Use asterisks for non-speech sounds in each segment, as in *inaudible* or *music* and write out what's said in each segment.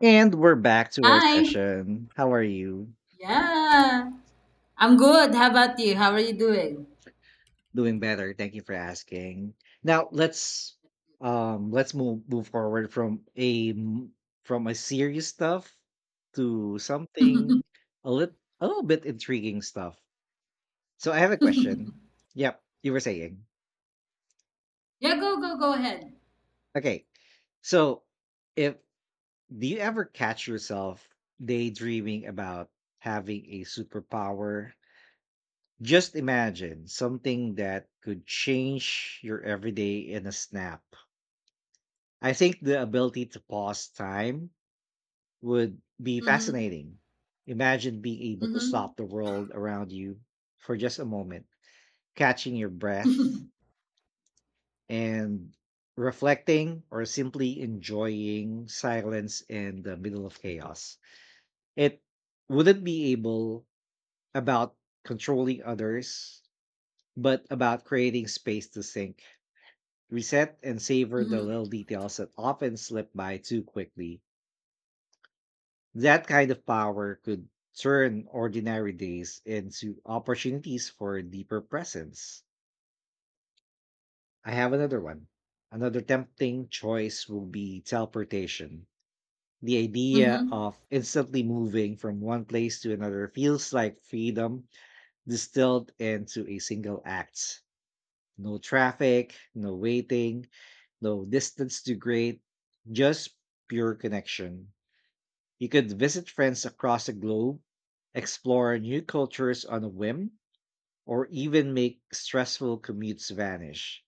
And we're back to our Hi. session. How are you? Yeah. I'm good. How about you? How are you doing? Doing better, thank you for asking. Now let's move forward from from a serious stuff to something a little a little bit intriguing stuff. So I have a question. Yep, you were saying. Yeah, go ahead. Okay. So if do you ever catch yourself daydreaming about having a superpower? Just imagine something that could change your everyday in a snap. I think the ability to pause time would be Mm-hmm. fascinating. Imagine being able to Mm-hmm. stop the world around you for just a moment, catching your breath *laughs* and reflecting or simply enjoying silence in the middle of chaos. It wouldn't be able about controlling others, but about creating space to think, reset, and savor the Mm-hmm. little details that often slip by too quickly. That kind of power could turn ordinary days into opportunities for deeper presence. I have another one. Another tempting choice will be teleportation. The idea Mm-hmm. of instantly moving from one place to another feels like freedom distilled into a single act. No traffic, no waiting, no distance to great, just pure connection. You could visit friends across the globe, explore new cultures on a whim, or even make stressful commutes vanish.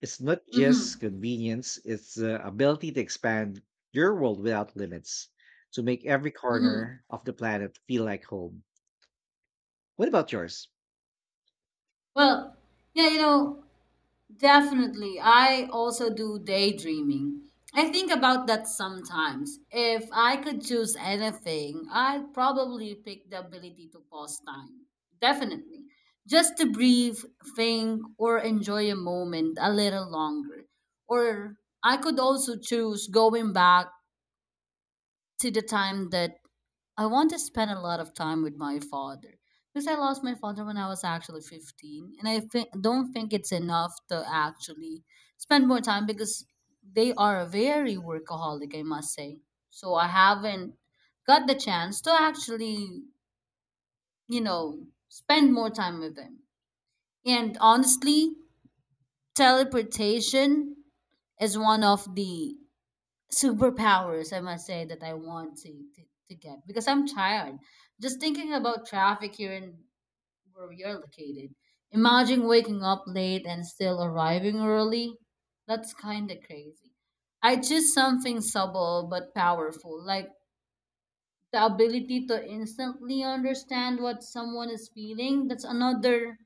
It's not Mm-hmm. just convenience, it's the ability to expand your world without limits, to make every Mm-hmm. corner of the planet feel like home. What about yours? Well, yeah, you know, Definitely. I also do daydreaming. I think about that sometimes. If I could choose anything, I'd probably pick the ability to pause time. Definitely. Just to breathe, think, or enjoy a moment a little longer. Or I could also choose going back to the time that I want to spend a lot of time with my father because I lost my father when I was actually 15, and I think don't think it's enough to actually spend more time because they are very workaholic, I must say. So I haven't got the chance to actually, spend more time with them. And honestly, teleportation is one of the superpowers, I must say, that I want to to get, because I'm tired just thinking about traffic here in where we are located. Imagine waking up late and still arriving early. That's kind of crazy. I choose something subtle but powerful, like the ability to instantly understand what someone is feeling. That's another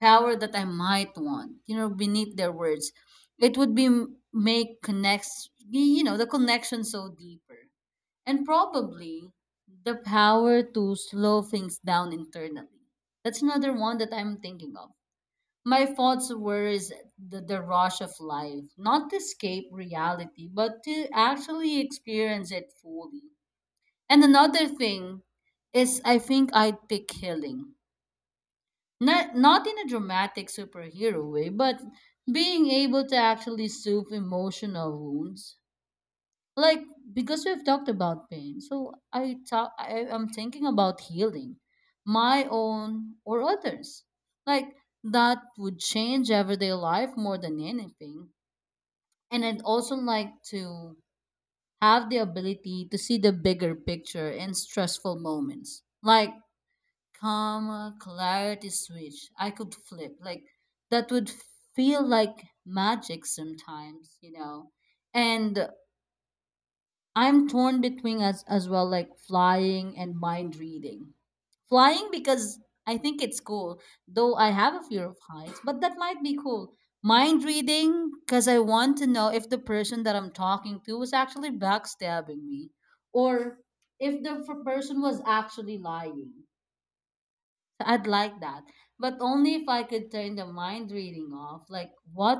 power that I might want, you know, beneath their words. It would be make connects, you know, the connection so deeper. And probably the power to slow things down internally. That's another one that I'm thinking of. My thoughts were is the rush of life, not to escape reality, but to actually experience it fully. And another thing is I think I'd pick healing, not in a dramatic superhero way, but being able to actually soothe emotional wounds. Like, because we've talked about pain, so I talk. I'm thinking about healing, my own or others. Like that would change everyday life more than anything. And I'd also like to have the ability to see the bigger picture in stressful moments. Like, calm clarity switch I could flip. Like that would feel like magic sometimes, you know. And I'm torn between as well, like flying and mind reading. Flying because I think it's cool, though I have a fear of heights, but that might be cool. Mind reading because I want to know if the person that I'm talking to was actually backstabbing me, or if the person was actually lying. So I'd like that, but only if I could turn the mind reading off. Like, what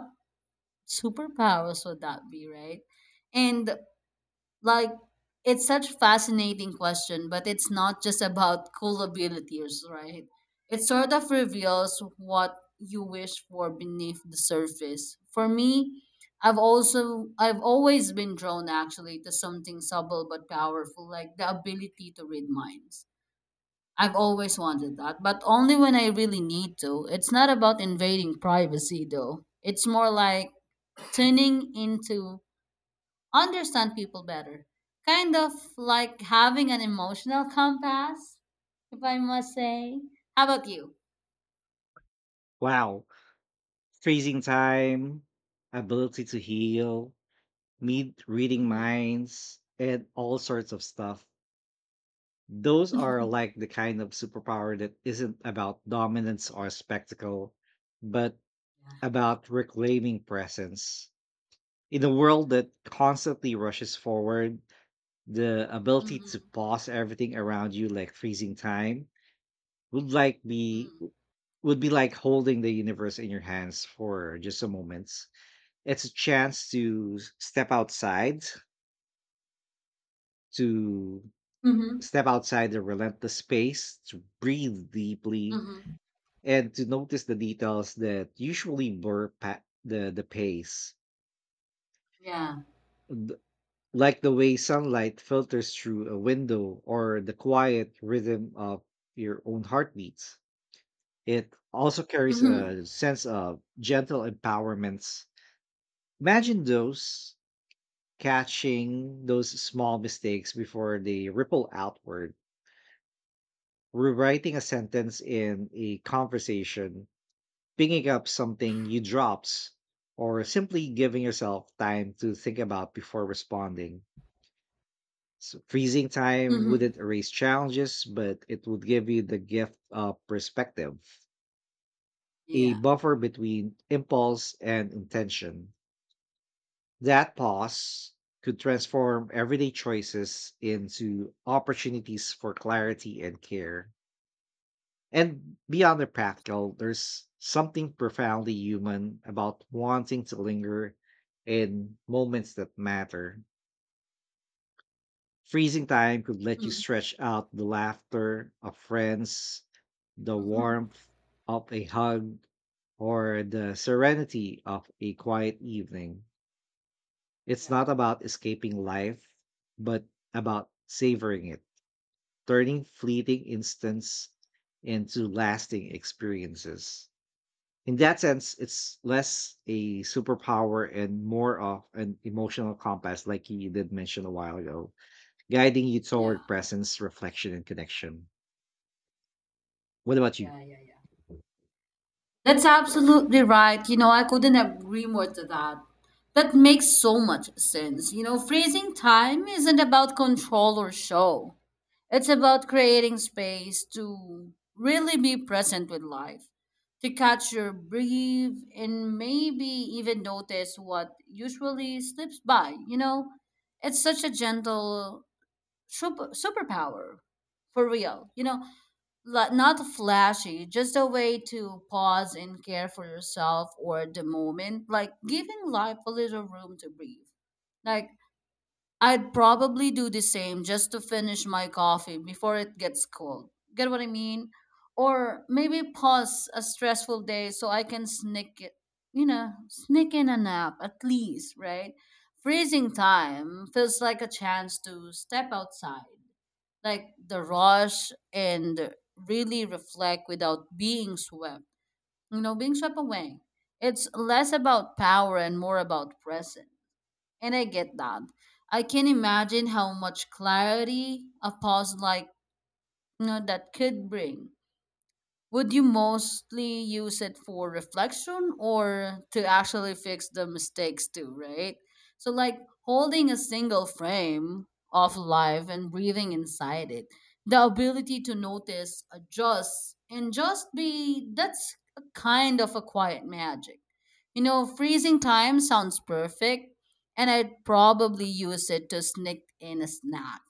superpowers would that be, right? And like, it's such fascinating question, but it's not just about cool abilities, right? It sort of reveals what you wish for beneath the surface. For me, I've always been drawn actually to something subtle but powerful, like the ability to read minds. I've always wanted that, but only when I really need to. It's not about invading privacy, though. It's more like tuning in to understand people better. Kind of like having an emotional compass, if I must say. How about you? Wow, freezing time, ability to heal, meet reading Mm-hmm. minds, and all sorts of stuff. Those are like the kind of superpower that isn't about dominance or spectacle, but Yeah. about reclaiming presence. In a world that constantly rushes forward, the ability to Mm-hmm. pause everything around you like freezing time would like be Mm-hmm. would be like holding the universe in your hands for just a moment. It's a chance to step outside, to Mm-hmm. step outside the relentless space to breathe deeply Mm-hmm. and to notice the details that usually blur the pace. Yeah. Th- Like the way sunlight filters through a window or the quiet rhythm of your own heartbeats. It also carries Mm-hmm. a sense of gentle empowerments. Imagine those catching those small mistakes before they ripple outward, rewriting a sentence in a conversation, picking up something you dropped, or simply giving yourself time to think about before responding. So freezing time Mm-hmm. wouldn't erase challenges, but it would give you the gift of perspective, a Yeah. buffer between impulse and intention. That pause could transform everyday choices into opportunities for clarity and care. And beyond the practical, Absolutely. there's something profoundly human about wanting to linger in moments that matter. Freezing time could let you Mm-hmm. stretch out the laughter of friends, the Mm-hmm. warmth of a hug, or the serenity of a quiet evening. It's Yeah. not about escaping life, but about savoring it, turning fleeting instants into lasting experiences. In that sense, it's less a superpower and more of an emotional compass, like you did mention a while ago, guiding you Yeah. toward presence, reflection, and connection. What about you? Yeah. That's absolutely right. You know, I couldn't agree more to that. That makes so much sense. You know, freezing time isn't about control or show, it's about creating space to really be present with life, to catch your breath, and maybe even notice what usually slips by. You know, it's such a gentle superpower for real. You know, like not flashy, just a way to pause and care for yourself or the moment, like giving life a little room to breathe. Like, I'd probably do the same just to finish my coffee before it gets cold. Get what I mean? Or maybe pause a stressful day so I can sneak it, sneak in a nap at least, right? Freezing time feels like a chance to step outside like the rush and really reflect without being swept. You know, being swept away. It's less about power and more about present. And I get that. I can imagine how much clarity a pause like, that could bring. Would you mostly use it for reflection or to actually fix the mistakes too, right? So, like holding a single frame of life and breathing inside it, the ability to notice, adjust, and just be, that's a kind of a quiet magic. You know, freezing time sounds perfect, and I'd probably use it to sneak in a snack.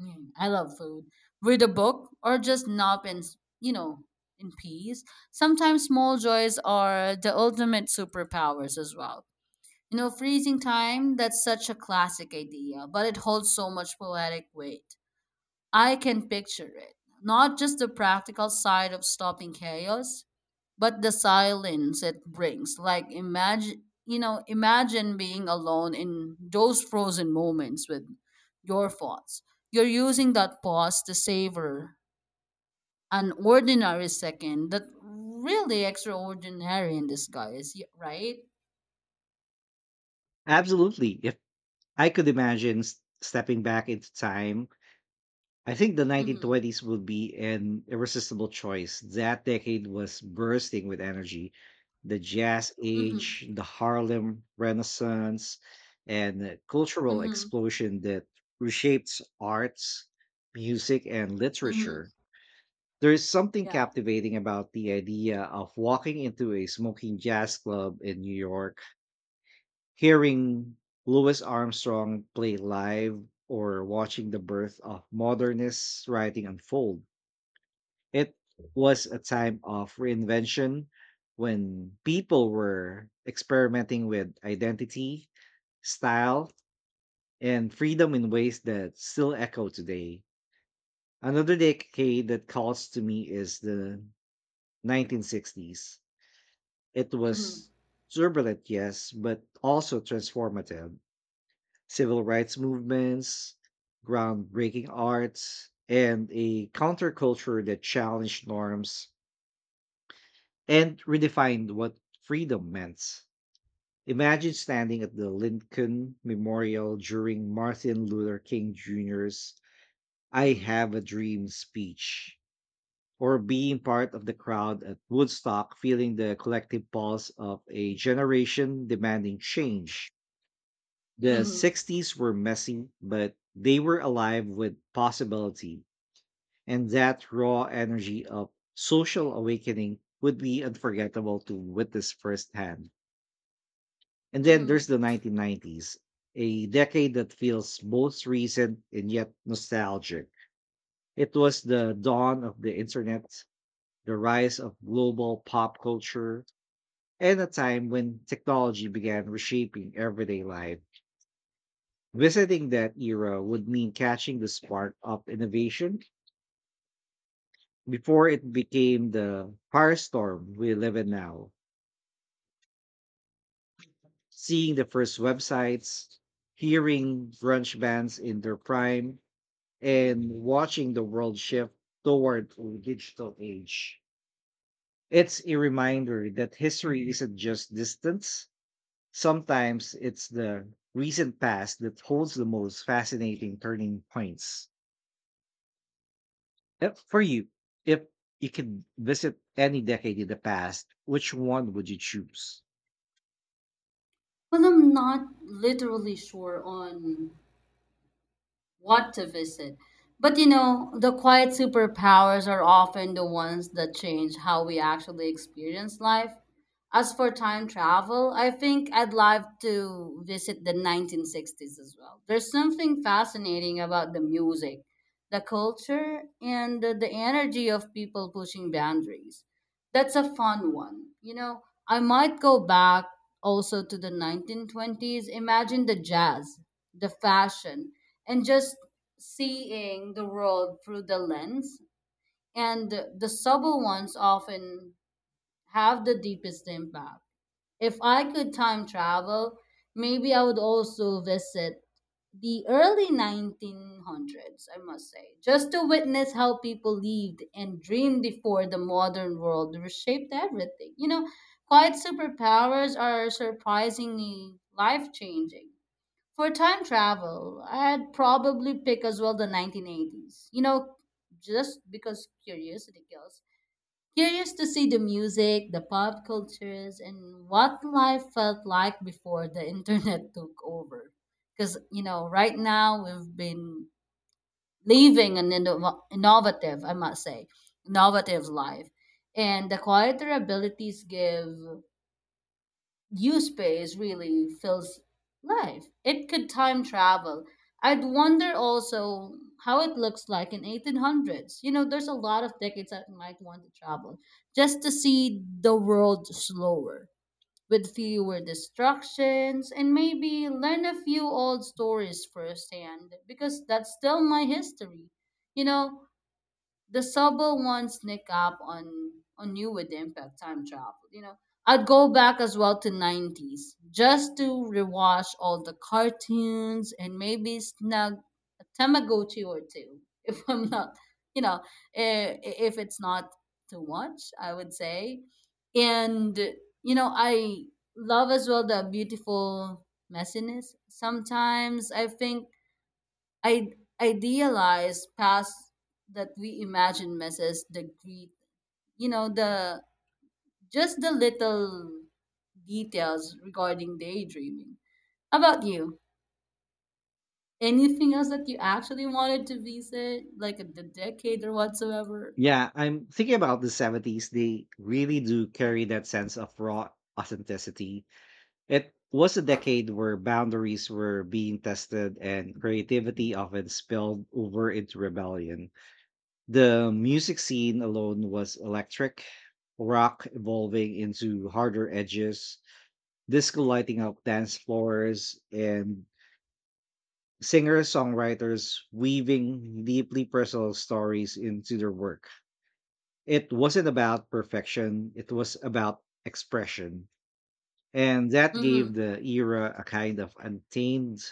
Mm, I love food. Read a book or just nap in, you know, in peace. Sometimes small joys are the ultimate superpowers as well. You know, freezing time, that's such a classic idea, but it holds so much poetic weight. I can picture it. Not just the practical side of stopping chaos, but the silence it brings. Like, imagine you know imagine being alone in those frozen moments with your thoughts, you're using that pause to savor an ordinary second that really extraordinary in disguise, right? Absolutely. If I could imagine stepping back into time, I think the Mhm. 1920s will be an irresistible choice. That decade was bursting with energy. The jazz Mhm. age, the Harlem Renaissance, and the cultural Mhm. explosion that reshaped arts, music, and literature. Mhm. There is something Yeah. captivating about the idea of walking into a smoking jazz club in New York, hearing Louis Armstrong play live or watching the birth of modernist writing unfold. It was a time of reinvention when people were experimenting with identity, style, and freedom in ways that still echo today. Another decade that calls to me is the 1960s. It Mhm. was turbulent, yes, but also transformative. Civil rights movements, groundbreaking arts, and a counterculture that challenged norms and redefined what freedom meant. Imagine standing at the Lincoln Memorial during Martin Luther King Jr.'s I Mhm. Have a Dream speech, or being part of the crowd at Woodstock, feeling the collective pulse of a generation demanding change. The Mhm. 60s were messy, but they were alive with possibility, and that raw energy of social awakening would be unforgettable to witness firsthand. And then there's Mhm. the 1990s, a decade that feels both recent and yet nostalgic. It was the dawn of the internet, the rise of global pop culture, and a time when technology began reshaping everyday life. Visiting that era would mean catching the spark of innovation before it became the firestorm we live in now. Seeing the first websites, hearing grunge bands in their prime, and watching the world shift toward a digital age. It's a reminder that history isn't just distance. Sometimes it's the recent past that holds the most fascinating turning points. For you, if you could visit any decade in the past, which one would you choose? Well, I'm not literally sure on what to visit. But you know, the quiet superpowers are often the ones that change how we actually experience life. As for time travel, I think I'd love to visit the 1960s as well. There's something fascinating about the music, the culture, and the energy of people pushing boundaries. That's a fun one. You know, I might go back also to the 1920s. Imagine the jazz, the fashion, and just seeing the world through the lens. And the subtle ones often have the deepest impact. If I could time travel, maybe I would also visit the early 1900s, I must say, just to witness how people lived and dreamed before the modern world reshaped everything. You know, quiet superpowers are surprisingly life changing. For time travel, I'd probably pick as well the 1980s. You know, just because curiosity kills. Curious to see the music, the pop cultures, and what life felt like before the *laughs* internet took over. Because, you know, right now we've been living an innovative, I must say, innovative life. And the quieter abilities give you space really fills life. It could time travel. I'd wonder also how it looks like in 1800s. You know, there's a lot of decades I might want to travel just to see the world slower with fewer distractions and maybe learn a few old stories firsthand because that's still my history. You know, the Sabo one sneak up on you with the impact time travel. You know, I'd go back as well to nineties just to rewatch all the cartoons and maybe snag a Tamagotchi or two *laughs* if I'm not, you know, if it's not too much, I would say. And you know, I love as well the beautiful messiness. Sometimes I think I idealize past that we imagine misses the greet, you know, the just the little details regarding daydreaming. How about you? Anything else that you actually wanted to visit, like the decade or whatsoever? Yeah, I'm thinking about the 70s. They really do carry that sense of raw authenticity. It was a decade where boundaries were being tested and creativity often spilled over into rebellion. The music scene alone was electric, rock evolving into harder edges, disco lighting up dance floors, and singers, songwriters weaving deeply personal stories into their work. It wasn't about perfection, it was about expression. And that gave Mm-hmm. the era a kind of untamed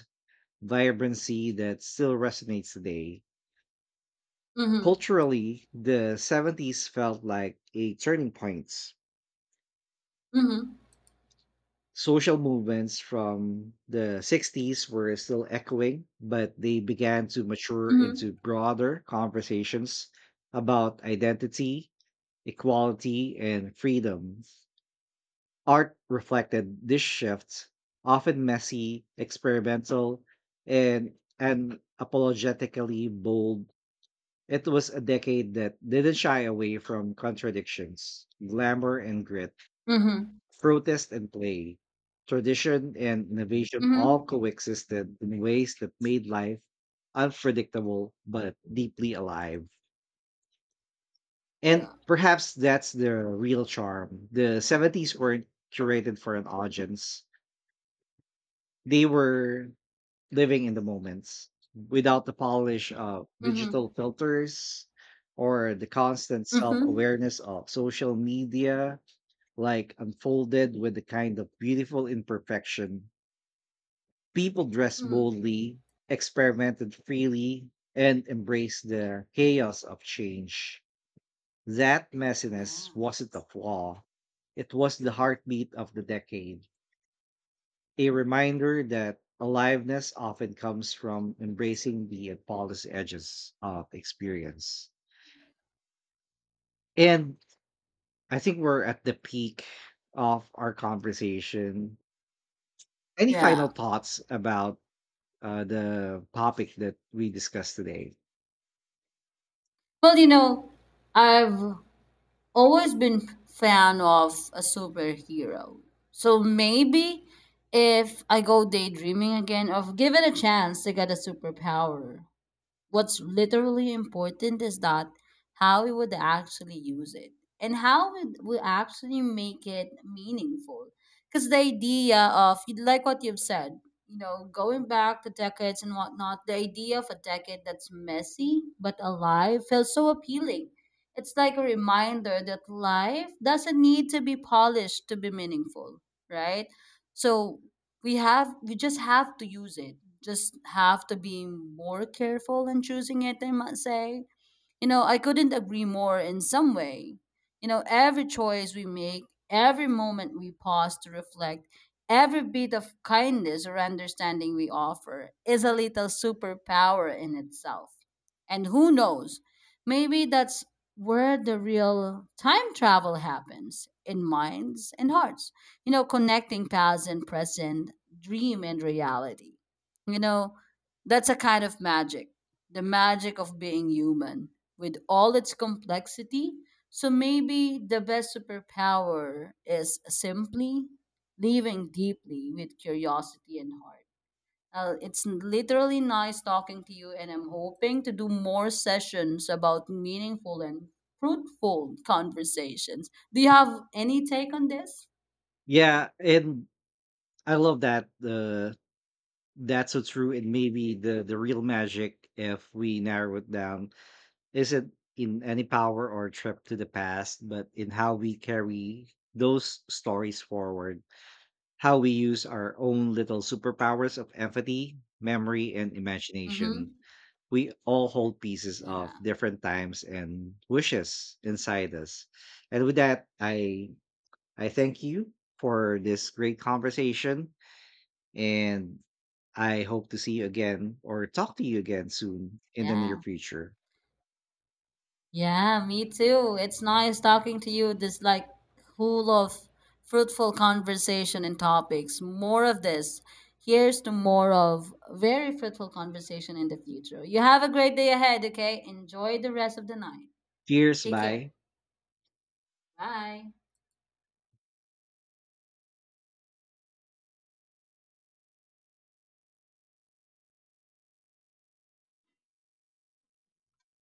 vibrancy that still resonates today. Mm-hmm. Culturally, the 70s felt like a turning point. Mm-hmm. Social movements from the 60s were still echoing, but they began to mature Mm-hmm. into broader conversations about identity, equality, and freedom. Art reflected this shift, often messy, experimental, and and apologetically bold. It was a decade that didn't shy away from contradictions, glamour, and grit, Mm-hmm. protest and play, tradition and innovation all Mm-hmm. coexisted in ways that made life unpredictable but deeply alive. And Yeah. perhaps that's the real charm. The 70s weren't curated for an audience, they were living in the moments without the polish of digital Mm-hmm. filters or the constant self Mm-hmm. awareness of social media, like unfolded with the kind of beautiful imperfection. People dressed Mm-hmm. boldly, experimented freely, and embraced the chaos of change. That messiness Yeah. wasn't a flaw, it was the heartbeat of the decade, a reminder that aliveness often comes from embracing the polished edges of experience. And I think we're at the peak of our conversation. Any final Yeah. thoughts about the topic that we discussed today? Well, you know, I've always been fan of a superhero. So maybe if I go daydreaming again or give it a chance to get a superpower. What's literally important is that how we would actually use it and how would we actually make it meaningful. Because the idea of, like what you've said, you know, going back to decades and whatnot, the idea of a decade that's messy but alive feels so appealing. It's like a reminder that life doesn't need to be polished to be meaningful, right? So we just have to use it, just have to be more careful in choosing it, I must say. You know, I couldn't agree more in some way. You know, every choice we make, every moment we pause to reflect, every bit of kindness or understanding we offer is a little superpower in itself. And who knows, maybe that's where the real time travel happens, in minds and hearts, you know, connecting past and present, dream and reality. You know, that's a kind of magic, the magic of being human with all its complexity. So maybe the best superpower is simply living deeply with curiosity and heart. It's literally nice talking to you, and I'm hoping to do more sessions about meaningful and fruitful conversations. Do you have any take on this? Yeah, and I love that. That's so true. And maybe the real magic, if we narrow it down, isn't in any power or trip to the past, but in how we carry those stories forward. How we use our own little superpowers of empathy, memory, and imagination. Mm-hmm. We all hold pieces of Yeah. different times and wishes inside us. And with that, I thank you for this great conversation and I hope to see you again or talk to you again soon in the near Yeah. future. Yeah, me too. It's nice talking to you. This like full of fruitful conversation and topics. More of this. Here's to more of very fruitful conversation in the future. You have a great day ahead, okay? Enjoy the rest of the night. Cheers, Take care. bye. Bye.